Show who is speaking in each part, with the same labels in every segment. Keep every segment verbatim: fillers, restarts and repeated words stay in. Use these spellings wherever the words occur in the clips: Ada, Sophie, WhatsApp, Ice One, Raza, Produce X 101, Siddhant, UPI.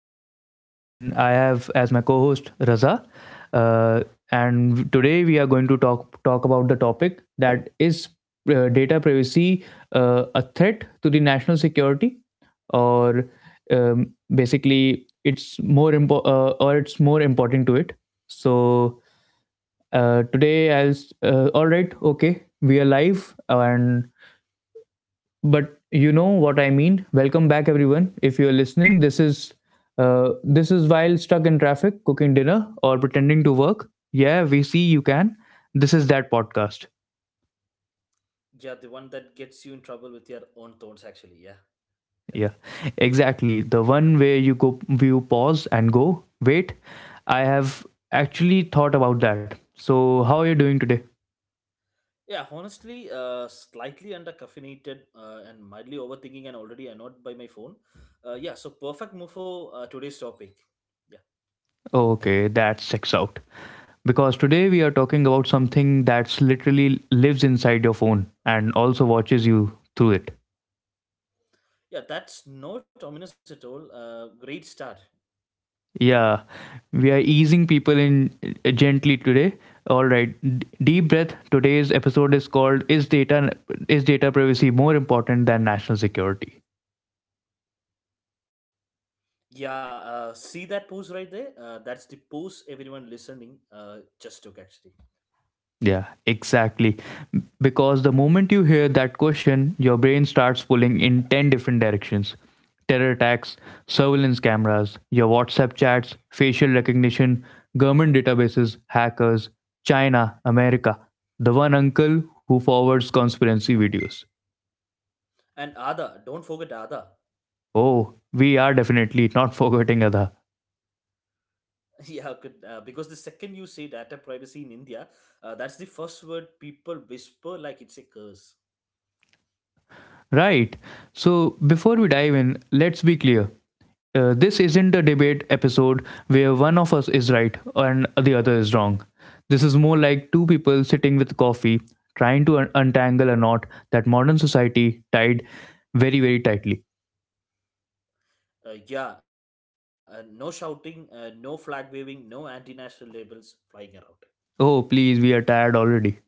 Speaker 1: Siddhant, and I have as my co-host Raza. Uh, and today we are going to talk talk about the topic that is uh, data privacy, uh, a threat to the national security, or um, basically it's more impo- uh, or it's more important to it. So uh, today I'll s- uh, all right, okay, we are live, and but you know what I mean, welcome back everyone. If you're listening, this is uh, this is while stuck in traffic, cooking dinner, or pretending to work. Yeah, we see you. Can this is that podcast?
Speaker 2: Yeah, the one that gets you in trouble with your own thoughts, actually. Yeah. Yeah,
Speaker 1: Yeah, exactly, the one where you go, you pause and go, wait, I have actually thought about that. So how are you doing today?
Speaker 2: Yeah, honestly, uh, slightly under caffeinated uh, and mildly overthinking and already annoyed by my phone. Uh, yeah, so perfect move for uh, today's topic. Yeah,
Speaker 1: Okay, that checks out, because today we are talking about something that's literally lives inside your phone and also watches you through it.
Speaker 2: yeah, that's not ominous at all. Uh, great start.
Speaker 1: Yeah, we are easing people in uh, gently today. All right, D- deep breath. Today's episode is called, "Is data is data privacy more important than national security?"
Speaker 2: Yeah, uh, see that pose right there? Uh, that's the pose everyone listening uh, just took actually.
Speaker 1: Yeah, exactly. Because the moment you hear that question, your brain starts pulling in ten different directions: terror attacks, surveillance cameras, your WhatsApp chats, facial recognition, government databases, hackers, China, America, the one uncle who forwards conspiracy videos.
Speaker 2: And Ada, don't forget Ada.
Speaker 1: Oh, we are definitely not forgetting Ada.
Speaker 2: Yeah, could, uh, because the second you say data privacy in India, uh, that's the first word people whisper like it's a curse.
Speaker 1: Right. So before we dive in, let's be clear. Uh, this isn't a debate episode where one of us is right and the other is wrong. This is more like two people sitting with coffee, trying to un- untangle a knot that modern society tied very, very tightly.
Speaker 2: Uh, yeah, uh, no shouting, uh, no flag waving, no anti-national labels flying around.
Speaker 1: Oh, please, we are tired already.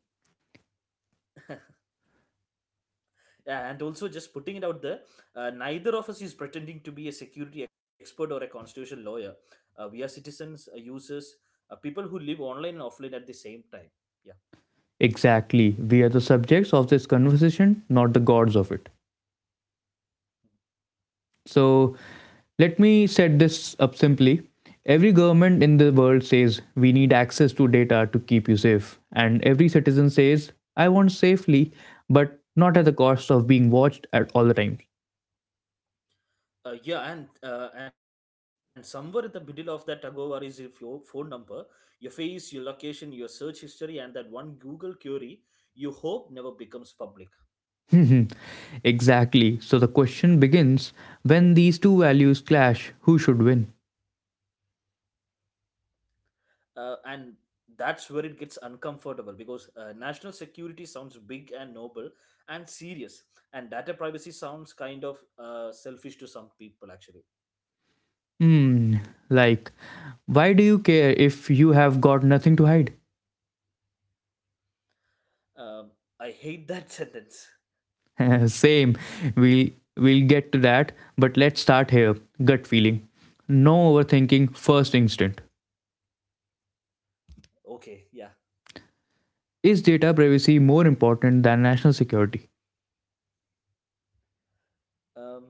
Speaker 2: Yeah, and also just putting it out there, uh, neither of us is pretending to be a security expert or a constitutional lawyer. Uh, we are citizens, uh, users, uh, people who live online and offline at the same time. Yeah.
Speaker 1: Exactly. We are the subjects of this conversation, not the gods of it. So let me set this up simply. Every government in the world says, we need access to data to keep you safe. And every citizen says, I want safely, but not at the cost of being watched at all the time.
Speaker 2: Uh, yeah, and uh, and somewhere in the middle of that tagover is if your phone number, your face, your location, your search history, and that one Google query you hope never becomes public.
Speaker 1: Exactly. So the question begins, when these two values clash, who should win?
Speaker 2: Uh, and that's where it gets uncomfortable because uh, national security sounds big and noble and serious, and data privacy sounds kind of uh, selfish to some people actually.
Speaker 1: Hmm, like, why do you care if you have got nothing to hide?
Speaker 2: Um, I hate that sentence.
Speaker 1: Same. We'll we'll get to that, but let's start here. Gut feeling. No overthinking, first instinct.
Speaker 2: Okay, yeah.
Speaker 1: Is data privacy more important than national security?
Speaker 2: Um,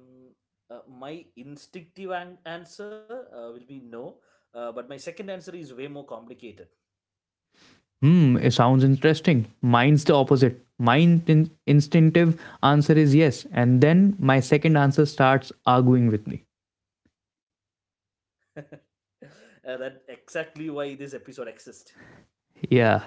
Speaker 2: uh, my instinctive an- answer uh, will be no, uh, but my second answer is way more complicated.
Speaker 1: Hmm, it sounds interesting. Mine's the opposite. My in- instinctive answer is yes, and then my second answer starts arguing with me.
Speaker 2: uh, that exactly why this episode exists.
Speaker 1: Yeah.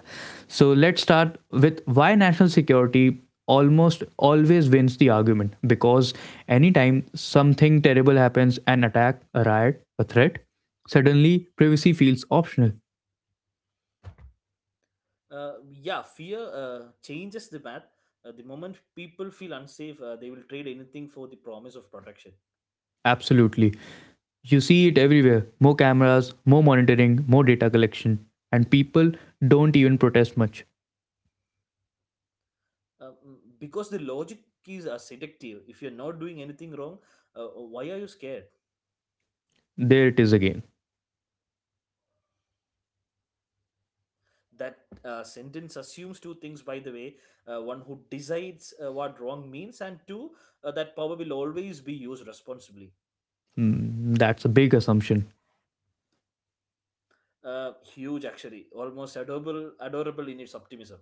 Speaker 1: So let's start with why national security almost always wins the argument, because anytime something terrible happens, an attack, a riot, a threat, suddenly privacy feels optional.
Speaker 2: Uh, yeah, fear uh, changes the math. Uh, the moment people feel unsafe, uh, they will trade anything for the promise of protection.
Speaker 1: Absolutely. You see it everywhere, more cameras, more monitoring, more data collection, and people don't even protest much.
Speaker 2: Uh, mm, because the logic is uh, seductive. If you're not doing anything wrong, uh, why are you scared?
Speaker 1: There it is again.
Speaker 2: that uh, sentence assumes two things, by the way: uh, one, who decides uh, what wrong means, and two, uh, that power will always be used responsibly.
Speaker 1: Hmm, that's a big assumption.
Speaker 2: Uh, huge, actually, almost adorable adorable in its optimism.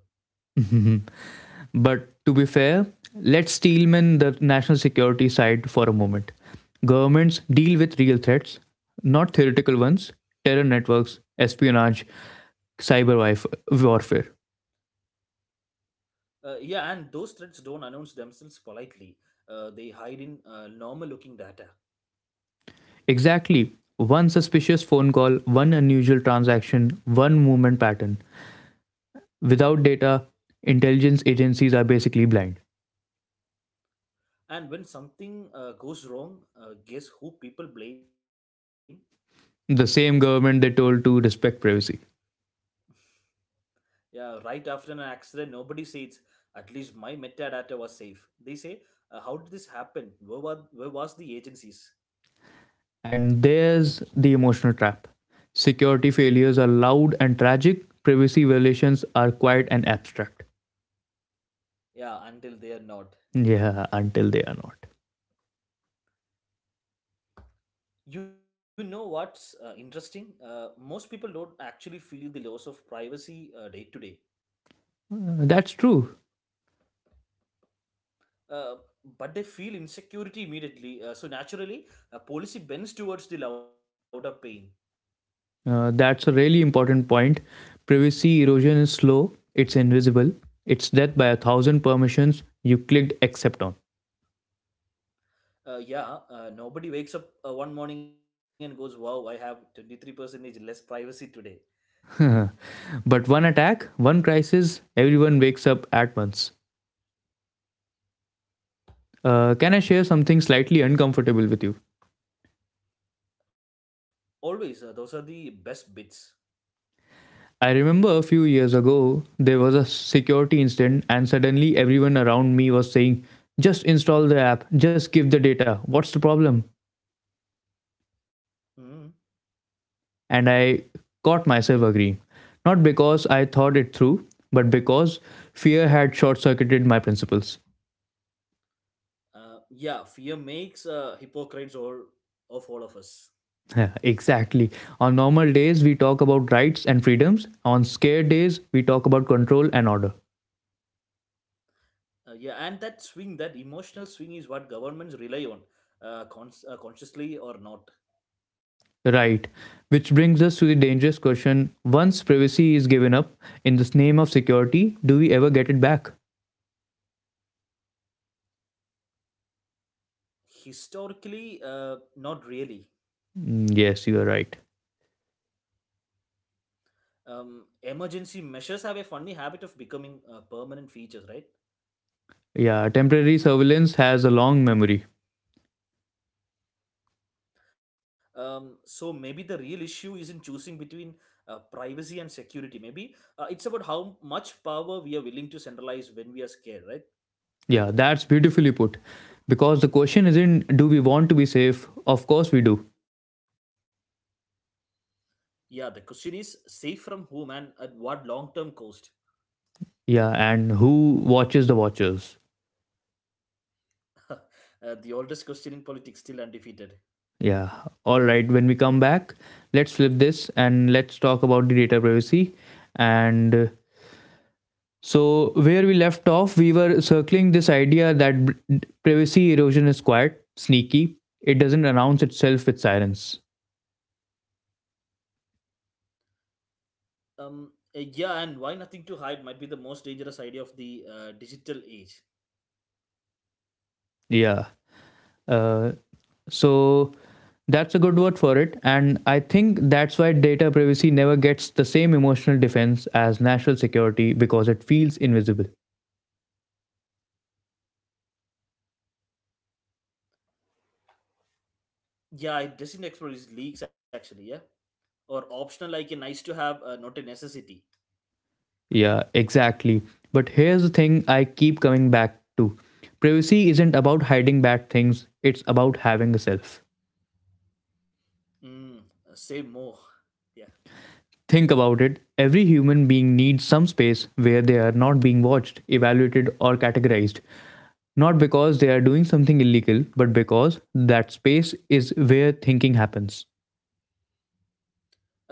Speaker 1: But to be fair, let's steelman the national security side for a moment. Governments deal with real threats, not theoretical ones, terror networks, espionage, cyber warfare.
Speaker 2: Uh, yeah and those threats don't announce themselves politely. Uh, they hide in uh, normal looking data.
Speaker 1: Exactly. One suspicious phone call, one unusual transaction, one movement pattern. Without data, intelligence agencies are basically blind.
Speaker 2: And when something uh, goes wrong, uh, guess who people blame?
Speaker 1: The same government they told to respect privacy.
Speaker 2: Yeah, right after an accident, nobody says, at least my metadata was safe. They say, "Uh, how did this happen? Where, were, where was the agencies?"
Speaker 1: And there's the emotional trap. Security failures are loud and tragic, privacy violations are quiet and abstract.
Speaker 2: Yeah, until they are not.
Speaker 1: Yeah, until they are not.
Speaker 2: You know what's uh, interesting? Uh, most people don't actually feel the loss of privacy uh, day to day.
Speaker 1: Uh, that's true.
Speaker 2: Uh, but they feel insecurity immediately. Uh, so naturally, uh, policy bends towards the louder pain.
Speaker 1: Uh, that's a really important point. Privacy erosion is slow, it's invisible, it's death by a thousand permissions you clicked accept on.
Speaker 2: Uh, yeah, uh, nobody wakes up uh, one morning and goes, wow, I have twenty-three percent less privacy today.
Speaker 1: But one attack, one crisis, everyone wakes up at once. Uh, can I share something slightly uncomfortable with you?
Speaker 2: Always, uh, those are the best bits.
Speaker 1: I remember a few years ago, there was a security incident, and suddenly everyone around me was saying, just install the app, just give the data, what's the problem?
Speaker 2: Mm.
Speaker 1: And I caught myself agreeing. Not because I thought it through, but because fear had short circuited my principles.
Speaker 2: Uh, yeah, fear makes uh, hypocrites all of all of us.
Speaker 1: Yeah, exactly. On normal days, we talk about rights and freedoms. On scared days, we talk about control and order.
Speaker 2: Uh, yeah, and that swing, that emotional swing, is what governments rely on, uh, cons- uh, consciously or not.
Speaker 1: Right. Which brings us to the dangerous question, once privacy is given up in the name of security, do we ever get it back?
Speaker 2: Historically, uh, not really.
Speaker 1: Mm, yes, you are right.
Speaker 2: Um, emergency measures have a funny habit of becoming uh, permanent features, right?
Speaker 1: Yeah, temporary surveillance has a long memory.
Speaker 2: Um, so maybe the real issue isn't choosing between uh, privacy and security. Maybe uh, it's about how much power we are willing to centralize when we are scared, right?
Speaker 1: Yeah, that's beautifully put. Because the question isn't, do we want to be safe? Of course we do.
Speaker 2: Yeah, the question is safe from whom and at what long term cost?
Speaker 1: Yeah, and who watches the watchers?
Speaker 2: Uh, the oldest question in politics, still undefeated.
Speaker 1: Yeah, all right. When we come back, let's flip this and let's talk about the data privacy and uh, so, where we left off, we were circling this idea that b- privacy erosion is quite sneaky. It doesn't announce itself with sirens.
Speaker 2: Um, uh, yeah, and why nothing to hide might be the most dangerous idea of the uh, digital age.
Speaker 1: Yeah. Uh, so, that's a good word for it. And I think that's why data privacy never gets the same emotional defense as national security, because it feels invisible.
Speaker 2: Yeah, it doesn't explore its leaks actually, yeah? Or optional, like a nice to have, uh, not a necessity.
Speaker 1: Yeah, exactly. But here's the thing I keep coming back to, privacy isn't about hiding bad things, it's about having a self.
Speaker 2: Mm, say more. Yeah.
Speaker 1: Think about it. Every human being needs some space where they are not being watched, evaluated, or categorized. Not because they are doing something illegal, but because that space is where thinking happens.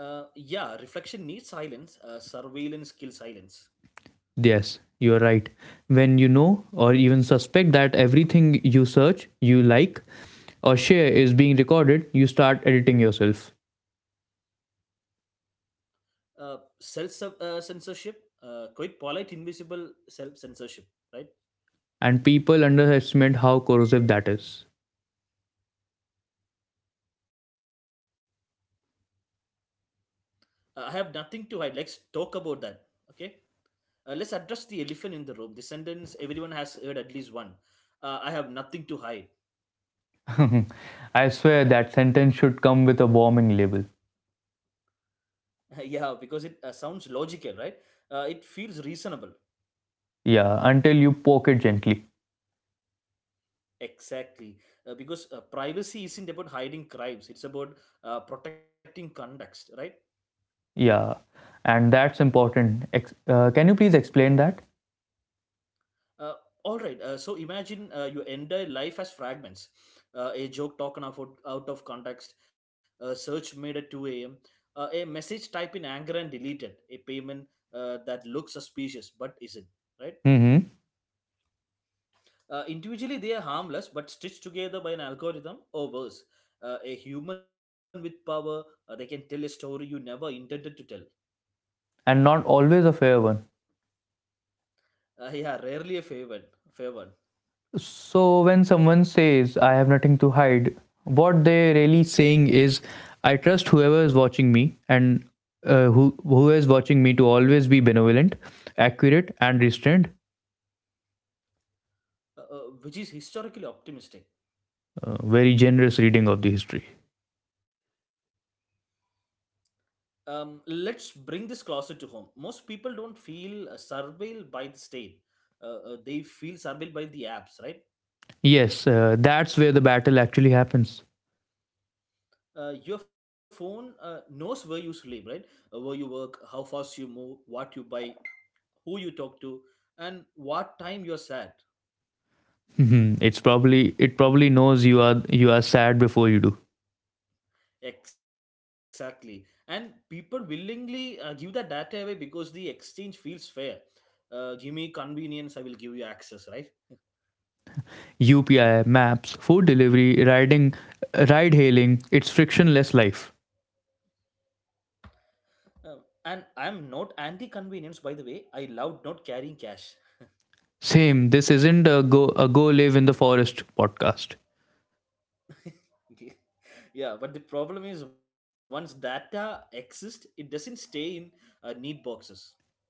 Speaker 2: Uh, yeah, reflection needs silence, uh, surveillance kills silence.
Speaker 1: Yes, you are right. When you know, or even suspect, that everything you search, you like, or share is being recorded, you start editing yourself.
Speaker 2: Uh, self uh, censorship, uh, quite polite, invisible self censorship, right?
Speaker 1: And people underestimate how corrosive that is.
Speaker 2: Uh, I have nothing to hide. Let's talk about that. Okay. Uh, let's address the elephant in the room. The sentence everyone has heard at least one. Uh, I have nothing to hide.
Speaker 1: I swear that sentence should come with a warning label.
Speaker 2: Yeah, because it uh, sounds logical, right? Uh, it feels reasonable.
Speaker 1: Yeah, until you poke it gently.
Speaker 2: Exactly. Uh, because uh, privacy isn't about hiding crimes, it's about uh, protecting context, right?
Speaker 1: Yeah, and that's important. Ex- uh, can you please explain that?
Speaker 2: Uh, all right. Uh, so imagine uh, your entire life as fragments. Uh, a joke taken out, out of context, a search made at two a m, uh, a message typed in anger and deleted, a payment uh, that looks suspicious but isn't, right?
Speaker 1: Hmm.
Speaker 2: Uh, individually, they are harmless, but stitched together by an algorithm, or worse, Uh, a human with power, uh, they can tell a story you never intended to tell.
Speaker 1: And not always a fair one.
Speaker 2: Uh, yeah, rarely a favored, favored,
Speaker 1: So, when someone says, I have nothing to hide, what they're really saying is, I trust whoever is watching me, and uh, who, who is watching me, to always be benevolent, accurate, and restrained.
Speaker 2: uh, uh, Which is historically optimistic.
Speaker 1: Uh, very generous reading of the history.
Speaker 2: Um, let's bring this closer to home. Most people don't feel uh, surveilled by the state. Uh, uh, they feel surveilled by the apps, right?
Speaker 1: Yes, uh, that's where the battle actually happens.
Speaker 2: Uh, your phone uh, knows where you sleep, right? Uh, where you work, how fast you move, what you buy, who you talk to, and what time you're sad.
Speaker 1: Mhm. It's probably it probably knows you are you are sad before you do.
Speaker 2: Exactly. And people willingly uh, give that data away because the exchange feels fair. Uh, give me convenience, I will give you access, right?
Speaker 1: U P I, maps, food delivery, riding, ride hailing, it's frictionless life.
Speaker 2: Um, and I'm not anti convenience, by the way. I love not carrying cash.
Speaker 1: Same, this isn't a go, a go live in the forest podcast.
Speaker 2: Yeah, but the problem is once data exists, it doesn't stay in uh, neat boxes.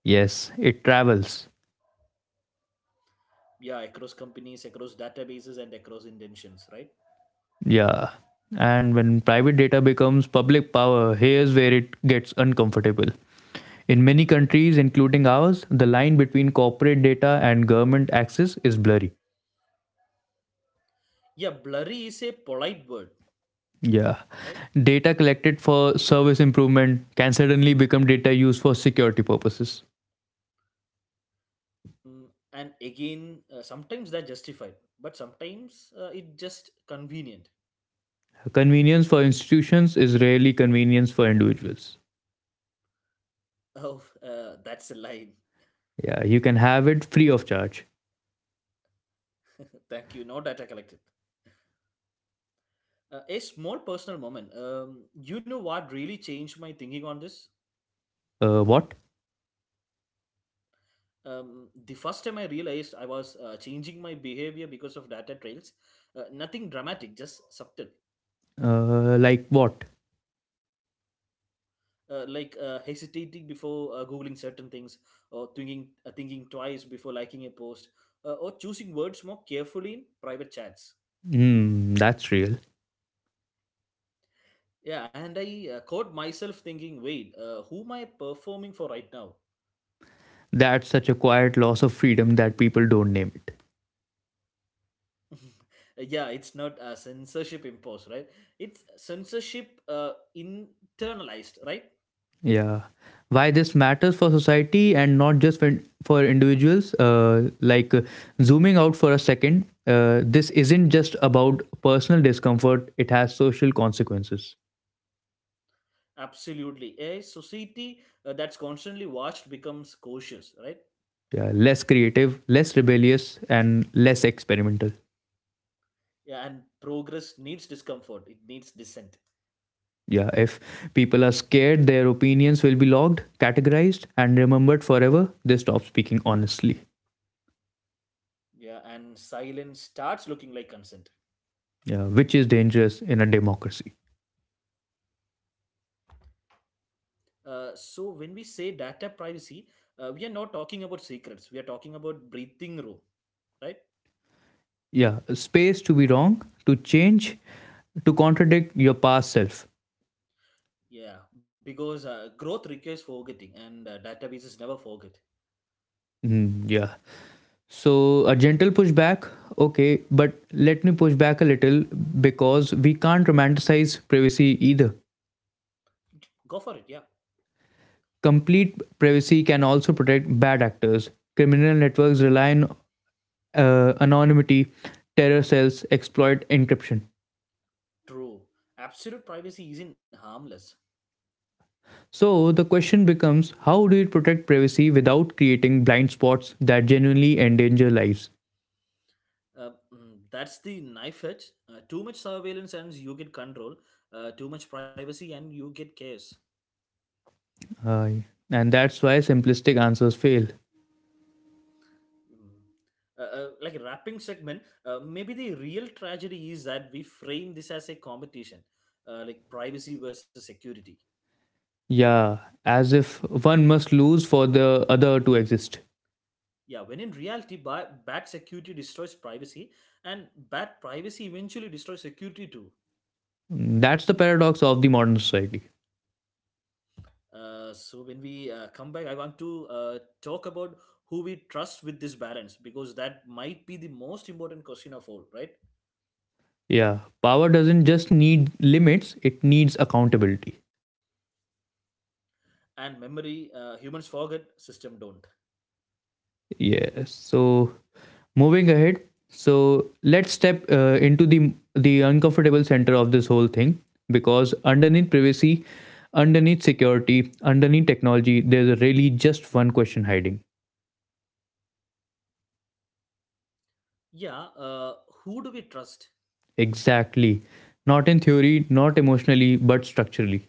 Speaker 1: Yes, it travels.
Speaker 2: Yeah, across companies, across databases, and across intentions, right?
Speaker 1: Yeah. And when private data becomes public power, here's where it gets uncomfortable. In many countries, including ours, the line between corporate data and government access is blurry.
Speaker 2: Yeah, blurry is a polite word,
Speaker 1: Yeah.
Speaker 2: right?
Speaker 1: Data collected for service improvement can suddenly become data used for security purposes.
Speaker 2: Mm, and again, uh, sometimes they're justified, but sometimes uh, it's just convenient.
Speaker 1: Convenience for institutions is rarely convenience for individuals.
Speaker 2: Oh, uh, that's a line.
Speaker 1: Yeah, you can have it free of charge.
Speaker 2: Thank you. No data collected. Uh, a small personal moment. Um, you know what really changed my thinking on this?
Speaker 1: Uh, what?
Speaker 2: Um, the first time I realized I was uh, changing my behavior because of data trails, uh, nothing dramatic, just subtle.
Speaker 1: Uh, like what?
Speaker 2: Uh, like uh, hesitating before uh, googling certain things, or thinking uh, thinking twice before liking a post, uh, or choosing words more carefully in private chats.
Speaker 1: Hmm, that's real.
Speaker 2: Yeah, and I uh, caught myself thinking, wait, uh, who am I performing for right now?
Speaker 1: That's such a quiet loss of freedom that people don't name it.
Speaker 2: Yeah, it's not a censorship imposed, right? It's censorship uh, internalized, right?
Speaker 1: Yeah. Why this matters for society and not just for, for individuals, uh, like uh, zooming out for a second, uh, this isn't just about personal discomfort, it has social consequences.
Speaker 2: Absolutely, a society uh, that's constantly watched becomes cautious, right?
Speaker 1: Yeah, less creative, less rebellious, and less experimental.
Speaker 2: Yeah, and progress needs discomfort, it needs dissent.
Speaker 1: Yeah, if people are scared, their opinions will be logged, categorized, and remembered forever. They stop speaking honestly,
Speaker 2: Yeah, and silence starts looking like consent.
Speaker 1: yeah, which is dangerous in a democracy.
Speaker 2: Uh, so when we say data privacy, uh, we are not talking about secrets, we are talking about breathing room, right?
Speaker 1: Yeah, space to be wrong, to change, to contradict your past self.
Speaker 2: Yeah, because uh, growth requires forgetting, and uh, databases never forget.
Speaker 1: Mm, yeah. So, a gentle pushback, okay, but let me push back a little, because we can't romanticize privacy either.
Speaker 2: Go for it, yeah.
Speaker 1: Complete privacy can also protect bad actors. Criminal networks rely on uh, anonymity, terror cells exploit encryption.
Speaker 2: True. Absolute privacy isn't harmless.
Speaker 1: So the question becomes, how do you protect privacy without creating blind spots that genuinely endanger lives?
Speaker 2: Uh, mm, that's the knife edge. Uh, too much surveillance and you get control. Uh, too much privacy and you get chaos.
Speaker 1: Uh, and that's why simplistic answers fail.
Speaker 2: Mm. Uh, uh, like a wrapping segment, uh, maybe the real tragedy is that we frame this as a competition, uh, like privacy versus security.
Speaker 1: Yeah, as if one must lose for the other to exist.
Speaker 2: Yeah, when in reality, ba- bad security destroys privacy, and bad privacy eventually destroys security too.
Speaker 1: That's the paradox of the modern society.
Speaker 2: Uh, so when we uh, come back, I want to uh, talk about who we trust with this balance, because that might be the most important question of all, right?
Speaker 1: Yeah, power doesn't just need limits, it needs accountability.
Speaker 2: And memory, uh, humans forget, system don't.
Speaker 1: Yeah, so moving ahead, so let's step uh, into the the uncomfortable center of this whole thing, because underneath privacy, underneath security, underneath technology, there's really just one question hiding.
Speaker 2: Yeah, uh, who do we trust?
Speaker 1: Exactly, not in theory, not emotionally, but structurally.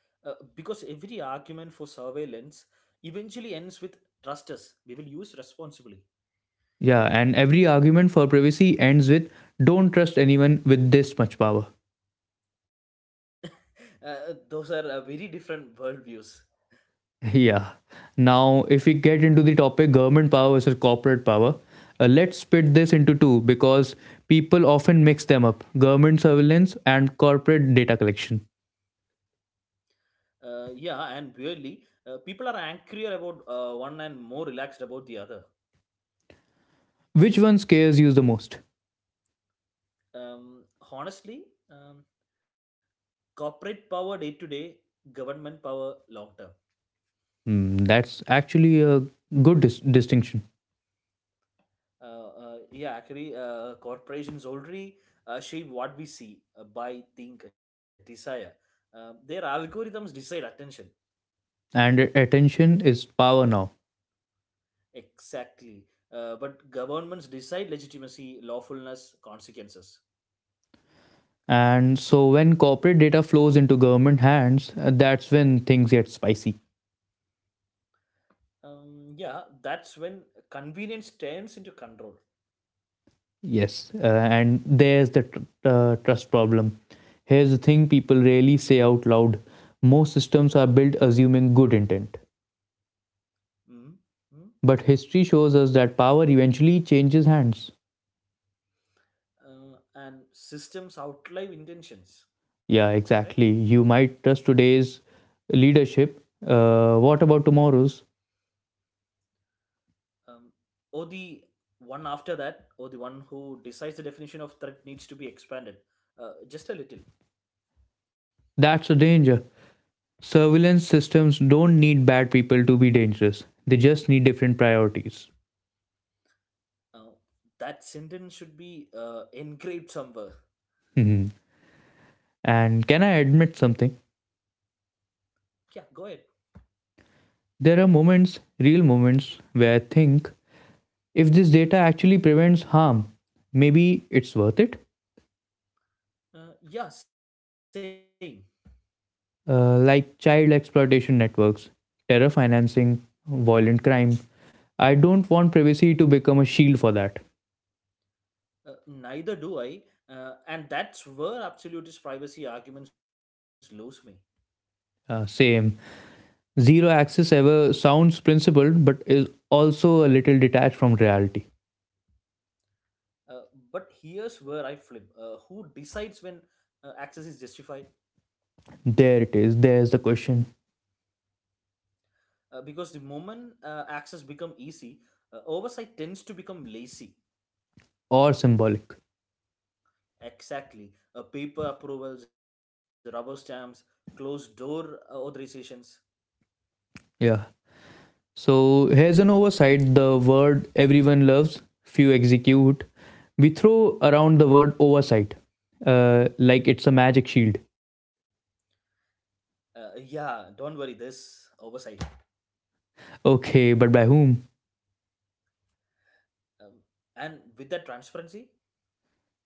Speaker 2: Uh, because every argument for surveillance eventually ends with trust us. We will use responsibly.
Speaker 1: Yeah, and every argument for privacy ends with, don't trust anyone with this much power.
Speaker 2: Uh, those are uh, very different worldviews.
Speaker 1: Yeah. Now, if we get into the topic, government power versus corporate power, uh, let's split this into two, because people often mix them up, government surveillance and corporate data collection.
Speaker 2: Uh, yeah, and weirdly, uh, people are angrier about uh, one and more relaxed about the other.
Speaker 1: Which one scares you the most?
Speaker 2: Um, Honestly, um, corporate power day to day, government power long term.
Speaker 1: Hmm, that's actually a good dis- distinction.
Speaker 2: Uh, uh, yeah, actually, uh, corporations already uh, shape what we see, uh, buy, think, desire. Uh, their algorithms decide attention.
Speaker 1: And attention is power now.
Speaker 2: Exactly. Uh, but governments decide legitimacy, lawfulness, consequences.
Speaker 1: And so, when corporate data flows into government hands, uh, that's when things get spicy.
Speaker 2: Um, yeah, that's when convenience turns into control.
Speaker 1: Yes, uh, and there's the tr- uh, trust problem. Here's the thing people rarely say out loud, most systems are built assuming good intent. But
Speaker 2: Mm-hmm.
Speaker 1: history shows us that power eventually changes hands.
Speaker 2: Uh, and systems outlive intentions,
Speaker 1: Yeah,
Speaker 2: right?
Speaker 1: exactly. You might trust today's leadership. Uh, what about tomorrow's?
Speaker 2: Um, or the one after that, or the one who decides the definition of threat needs to be expanded uh, just a little.
Speaker 1: That's a danger. Surveillance systems don't need bad people to be dangerous, they just need different priorities.
Speaker 2: Uh, that sentence should be uh, engraved somewhere.
Speaker 1: Mhm. And can I admit something?
Speaker 2: Yeah, go ahead.
Speaker 1: There are moments, real moments, where I think, if this data actually prevents harm, maybe it's worth it.
Speaker 2: Uh, yeah, same.
Speaker 1: Uh, like child exploitation networks, terror financing, violent crime. I don't want privacy to become a shield for that.
Speaker 2: Uh, neither do I, uh, and that's where absolutist privacy arguments lose me.
Speaker 1: Uh, same. Zero access ever sounds principled, but is also a little detached from reality.
Speaker 2: Uh, but here's where I flip. Uh, who decides when uh, access is justified?
Speaker 1: There it is. There's the question.
Speaker 2: Uh, because the moment uh, access become easy, uh, oversight tends to become lazy.
Speaker 1: Or symbolic.
Speaker 2: Exactly. Uh, paper approvals, rubber stamps, closed door uh, authorizations.
Speaker 1: Yeah. So here's an oversight, the word everyone loves, few execute. We throw around the word oversight uh, like it's a magic shield.
Speaker 2: Uh, yeah, don't worry, there's oversight.
Speaker 1: Okay, but by whom?
Speaker 2: Um, and with that transparency,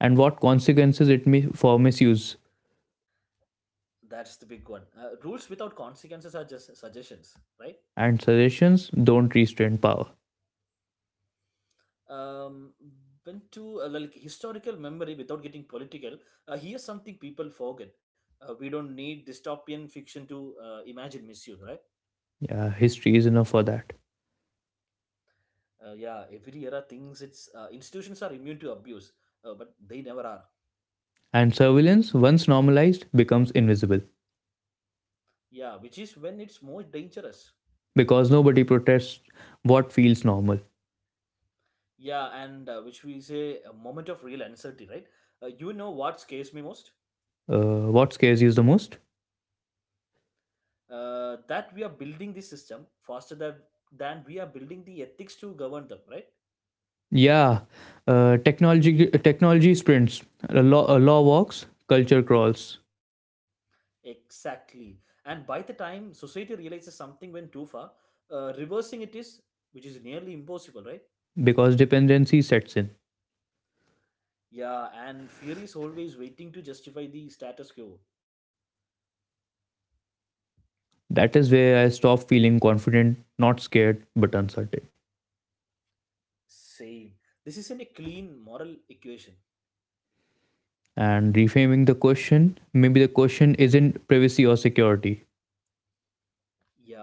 Speaker 1: And what consequences it may for misuse?
Speaker 2: that's the big one. Uh, rules without consequences are just suggestions, right?
Speaker 1: And suggestions don't restrain power.
Speaker 2: Um, when to uh, like historical memory without getting political, uh, here's something people forget. Uh, we don't need dystopian fiction to uh, imagine misuse, right?
Speaker 1: Yeah, history is enough for that.
Speaker 2: Uh, yeah, every era thinks its uh, institutions are immune to abuse, uh, but they never are.
Speaker 1: And surveillance, once normalized, becomes invisible
Speaker 2: Yeah, which is when it's most dangerous.
Speaker 1: because nobody protests what feels normal.
Speaker 2: Yeah, and uh, which we say a moment of real uncertainty, right? Uh, you know what scares me most?
Speaker 1: Uh, what scares you the most?
Speaker 2: Uh, that we are building the system faster than than we are building the ethics to govern them, right?
Speaker 1: Yeah, uh, technology technology sprints, uh, law uh, law walks, culture crawls
Speaker 2: Exactly. And by the time society realizes something went too far, uh, reversing it is, which is nearly impossible, right?
Speaker 1: because dependency sets in.
Speaker 2: Yeah, and fear is always waiting to justify the status quo.
Speaker 1: That is where I stop feeling confident, not scared, but uncertain.
Speaker 2: Same. This isn't a clean moral equation.
Speaker 1: And reframing the question, maybe the question isn't privacy or security.
Speaker 2: Yeah,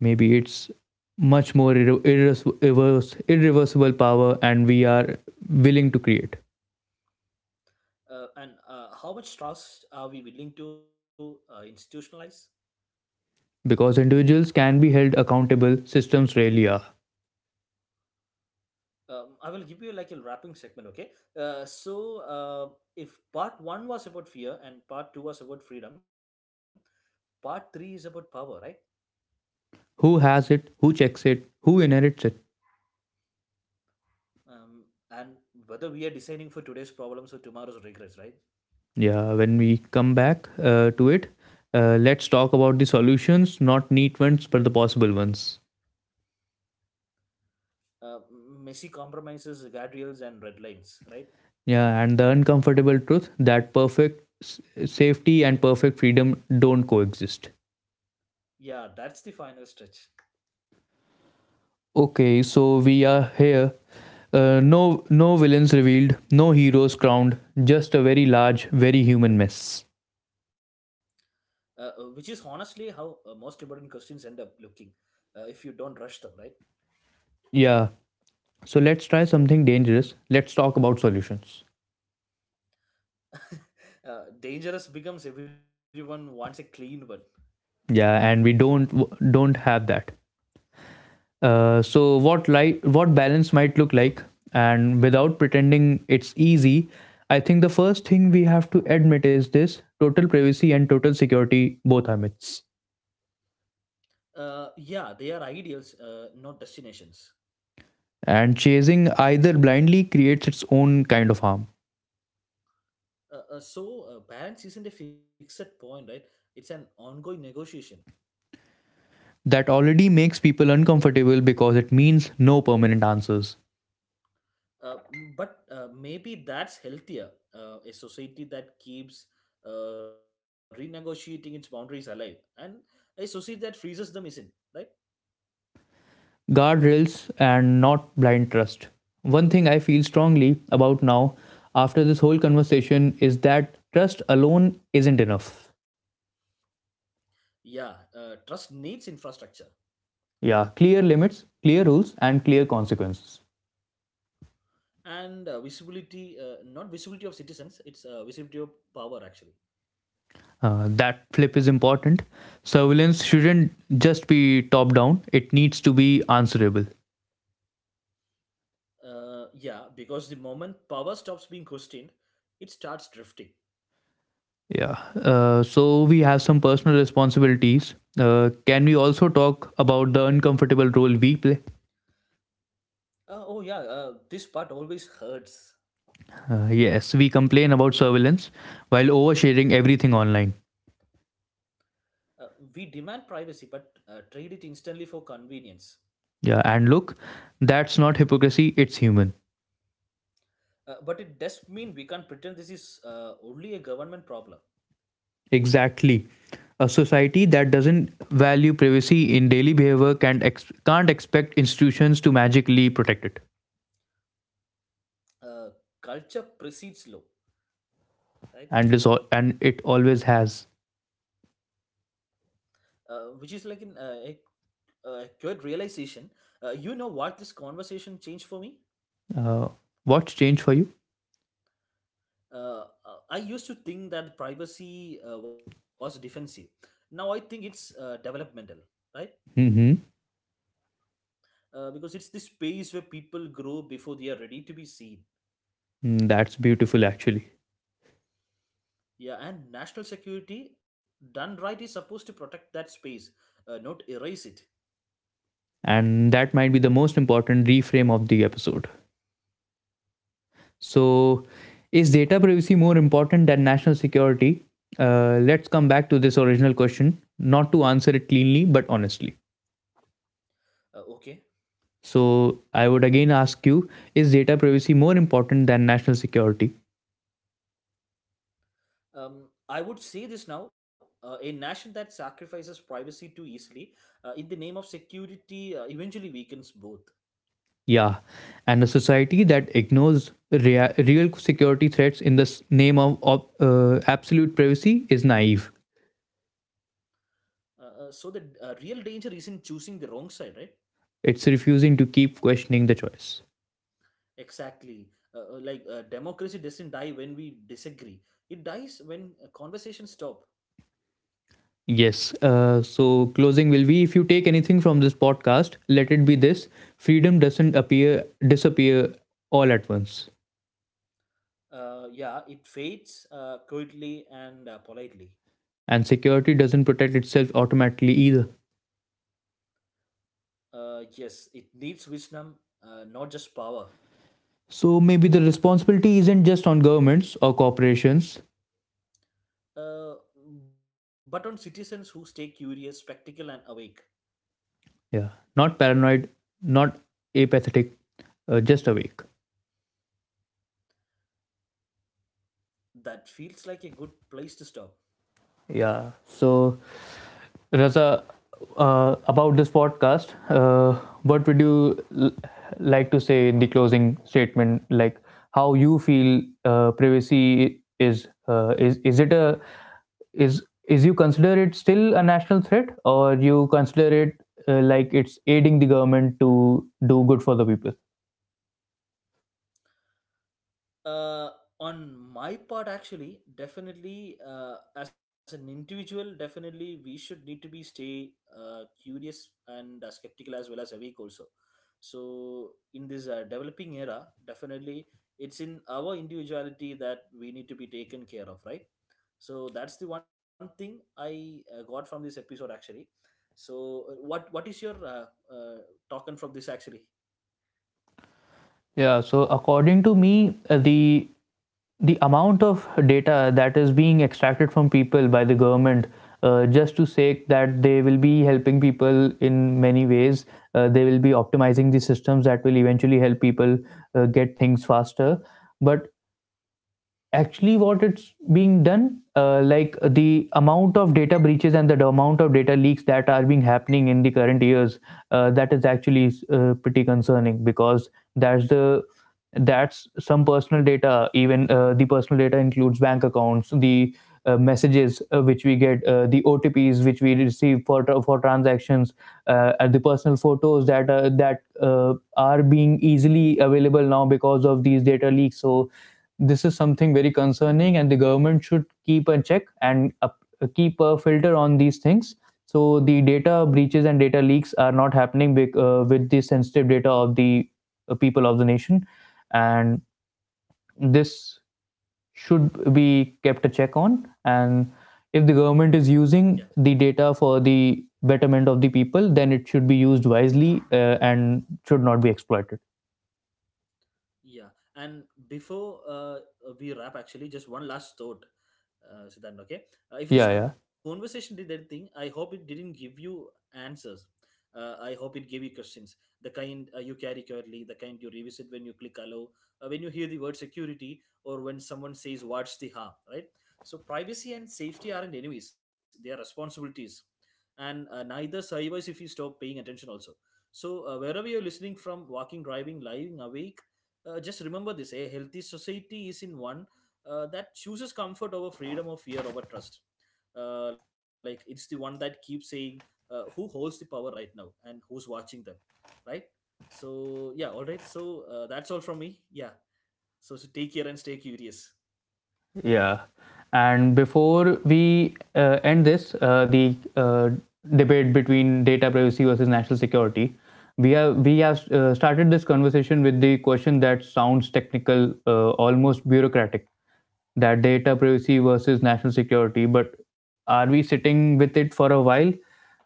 Speaker 1: Maybe it's much more irre- irres- irreverse- irreversible power, and we are willing to create
Speaker 2: uh, and uh, how much trust are we willing to uh, institutionalize?
Speaker 1: because individuals can be held accountable. Systems rarely are.
Speaker 2: Um, i will give you like a wrapping segment, okay? uh, so uh, if part one was about fear and part two was about freedom, part three is about power, right?
Speaker 1: Who has it? Who checks it? Who inherits it?
Speaker 2: Um, and whether we are designing for today's problems or tomorrow's regrets, right?
Speaker 1: Yeah, when we come back uh, to it, uh, let's talk about the solutions, not neat ones, but the possible ones.
Speaker 2: uh, Messy compromises, guardrails, and red lines, right?
Speaker 1: Yeah, and the uncomfortable truth that perfect s- safety and perfect freedom don't coexist.
Speaker 2: Yeah, that's the final stretch.
Speaker 1: Okay, so we are here. Uh, no, no villains revealed, no heroes crowned, just a very large, very human mess.
Speaker 2: Uh, uh, which is honestly how uh, most important questions end up looking uh, if you don't rush them, right?
Speaker 1: Yeah, so let's try something dangerous. Let's talk about solutions.
Speaker 2: Uh, dangerous becomes everyone wants a clean one.
Speaker 1: Yeah, and we don't don't have that. Uh, so what li- what balance might look like, and without pretending it's easy, I think the first thing we have to admit is this: total privacy and total security both are myths,
Speaker 2: Uh, yeah, they are ideals, uh, not destinations.
Speaker 1: and chasing either blindly creates its own kind of harm.
Speaker 2: Uh, uh, so, uh, balance isn't a fixed point, right? It's an ongoing negotiation.
Speaker 1: That already makes people uncomfortable because it means no permanent answers.
Speaker 2: Uh, but uh, maybe that's healthier. Uh, a society that keeps uh, renegotiating its boundaries alive, and a society that freezes them isn't, right?
Speaker 1: Guardrails and not blind trust. One thing I feel strongly about now, after this whole conversation, is that trust alone isn't enough.
Speaker 2: Yeah, uh, trust needs infrastructure
Speaker 1: Yeah, clear limits, clear rules, and clear consequences.
Speaker 2: and uh, visibility, uh, not visibility of citizens, it's uh, visibility of power, actually.
Speaker 1: Uh, that flip is important. Surveillance shouldn't just be top down; it needs to be answerable.
Speaker 2: Uh, yeah, because the moment power stops being questioned, it starts drifting.
Speaker 1: Yeah. Uh, so we have some personal responsibilities. Uh, can we also talk about the uncomfortable role we play?
Speaker 2: Uh, oh, yeah, uh, this part always hurts.
Speaker 1: Uh, yes, we complain about surveillance while oversharing everything online.
Speaker 2: Uh, we demand privacy but uh, trade it instantly for convenience.
Speaker 1: Yeah, and look, that's not hypocrisy, it's human.
Speaker 2: Uh, but it does mean we can't pretend this is uh, only a government problem.
Speaker 1: Exactly. A society that doesn't value privacy in daily behavior can't ex- can't expect institutions to magically protect it,
Speaker 2: Uh, Culture precedes law, right?
Speaker 1: and this al- and it always has.
Speaker 2: Uh, which is like an, uh, a, a acute realization. Uh, you know what this conversation changed for me?
Speaker 1: Uh, what's changed for you?
Speaker 2: uh, uh, I used to think that privacy uh, was defensive. Now I think it's uh, developmental, right?
Speaker 1: Hmm.
Speaker 2: Uh, because it's the space where people grow before they are ready to be seen.
Speaker 1: That's beautiful, actually,
Speaker 2: Yeah, and national security done right is supposed to protect that space, uh, not erase it.
Speaker 1: and that might be the most important reframe of the episode. So, is data privacy more important than national security? Uh, let's come back to this original question, not to answer it cleanly but honestly.
Speaker 2: Uh, okay.
Speaker 1: So I would again ask you, is data privacy more important than national security?
Speaker 2: Um, I would say this now: uh, a nation that sacrifices privacy too easily, uh, in the name of security, uh, eventually weakens both.
Speaker 1: Yeah. And a society that ignores rea- real security threats in the name of, of uh, absolute privacy is naive.
Speaker 2: Uh, uh, so the uh, real danger is in choosing the wrong side, right?
Speaker 1: It's refusing to keep questioning the choice.
Speaker 2: Exactly. Uh, uh, like uh, democracy doesn't die when we disagree. It dies when uh, conversations stop.
Speaker 1: Yes. Uh, so, closing will be, if you take anything from this podcast, let it be this: freedom doesn't appear, disappear all at once.
Speaker 2: Uh, yeah, it fades uh, quietly and uh, politely.
Speaker 1: And security doesn't protect itself automatically either.
Speaker 2: Uh, yes, it needs wisdom, uh, not just power.
Speaker 1: So maybe the responsibility isn't just on governments or corporations.
Speaker 2: Uh, but on citizens who stay curious, spectacle, and awake.
Speaker 1: Yeah. Not paranoid, not apathetic, uh, just awake.
Speaker 2: That feels like a good place to stop.
Speaker 1: Yeah. So Raza, uh, about this podcast, uh, what would you l- like to say in the closing statement? Like, how you feel uh, privacy is uh, is is it a is is you consider it still a national threat, or you consider it uh, like it's aiding the government to do good for the people?
Speaker 2: uh, on my part, actually, definitely, uh, as an individual, definitely we should need to be stay uh, curious and uh, skeptical as well as awake also. So in this uh, developing era, definitely it's in our individuality that we need to be taken care of, right? So that's the one thing I uh, got from this episode actually. So uh, what what is your uh, uh, token from this actually?
Speaker 1: Yeah, so according to me, uh, the the amount of data that is being extracted from people by the government, uh, just to say that they will be helping people in many ways, uh, they will be optimizing the systems that will eventually help people uh, get things
Speaker 2: Yeah,
Speaker 1: faster, but actually what it's being done, uh, like the amount of data breaches and the amount of data leaks that are being happening in the current years, uh, that is actually uh, pretty concerning, because that's the that's some personal data. Even uh, the personal data includes bank accounts, the uh, messages uh, which we get, uh, the O T Ps which we receive for for transactions, uh, and the personal photos that uh, that uh, are being easily available now because of these data leaks. So this is something very concerning, and the government should keep a check and a, keep a filter on these things, so the data breaches and data leaks are not happening bec- uh, with the sensitive data of the uh, people of the nation, and this should be kept a check on. And if the government is
Speaker 2: yeah.
Speaker 1: using the data for the betterment of the people, then it should be used wisely uh, and should not be exploited.
Speaker 2: Yeah, and before uh, we wrap, actually, just one last thought, uh, Siddhant. Okay, uh, if this
Speaker 1: Yeah, yeah.
Speaker 2: conversation did anything, I hope it didn't give you answers. Uh, I hope it gave you questions, the kind uh, you carry currently, the kind you revisit when you click allow, uh, when you hear the word security, or when someone says "What's the harm?" Right. So privacy and safety aren't enemies; they are responsibilities, and uh, neither survives if you stop paying attention. Also. So uh, wherever you're listening from, walking, driving, lying awake, uh, just remember this: a healthy society is in one uh, that chooses comfort over freedom or fear over trust. Uh, like it's the one that keeps saying uh, who holds the power right now and who's watching them, right? So, yeah, all right. So, uh, that's all from me. Yeah. So, so, take care and stay curious.
Speaker 1: Yeah. And before we uh, end this, uh, the uh, debate between data privacy versus national security, we have we have uh, started this conversation with the question that sounds technical, uh, almost bureaucratic, that data privacy versus national security. But are we sitting with it for a while?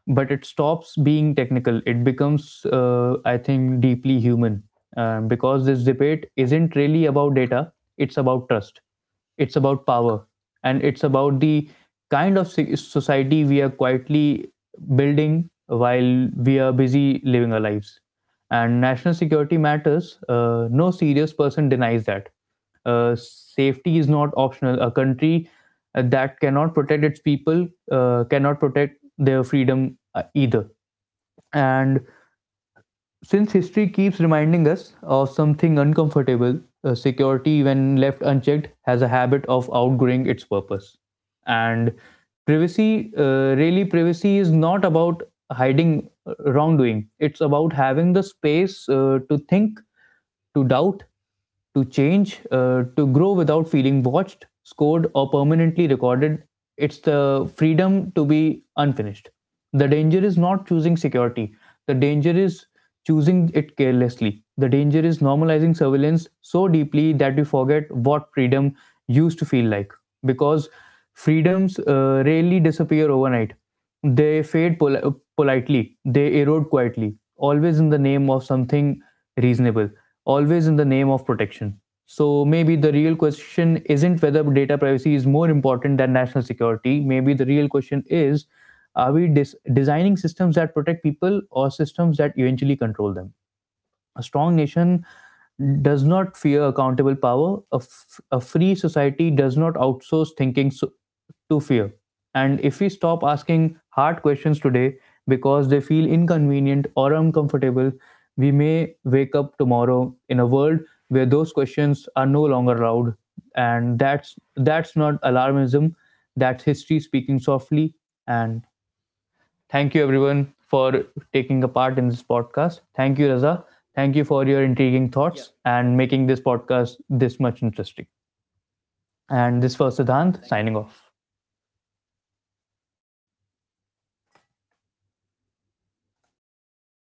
Speaker 1: But it stops being technical. It becomes, uh, I think, deeply human, um, because this debate isn't really about data. It's about trust, it's about power, and it's about the kind of si- society we are quietly building while we are busy living our lives. And national security matters, uh, no serious person denies that. Uh, safety is not optional. A country uh, that cannot protect its people uh, cannot protect their freedom uh, either. And since history keeps reminding us of something uncomfortable, uh, security, when left unchecked, has a habit of outgrowing its purpose. And privacy, uh, really, privacy is not about hiding uh, wrongdoing. It's about having the space uh, to think, to doubt, to change, uh, to grow without feeling watched, scored, or permanently recorded. It's the freedom to be unfinished. The danger is not choosing security, the danger is choosing it carelessly. The danger is normalizing surveillance so deeply that we forget what freedom used to feel like, because freedoms uh, rarely disappear overnight. They fade pol- politely, they erode quietly, always in the name of something reasonable, always in the name of protection. So maybe the real question isn't whether data privacy is more important than national security. Maybe the real question is, are we dis- designing systems that protect people, or systems that eventually control them? A strong nation does not fear accountable power. A, f- a free society does not outsource thinking so- to fear. And if we stop asking hard questions today because they feel inconvenient or uncomfortable, we may wake up tomorrow in a world where those questions are no longer allowed. And that's that's not alarmism. That's history speaking softly. And thank you, everyone, for taking a part in this podcast. Thank you, Raza. Thank you for your intriguing
Speaker 2: Yeah.
Speaker 1: thoughts and
Speaker 2: Thank
Speaker 1: making this podcast this much interesting.
Speaker 2: you.
Speaker 1: And this was
Speaker 2: Definitely, definitely.
Speaker 1: Siddhant
Speaker 2: Thank you.
Speaker 1: signing off.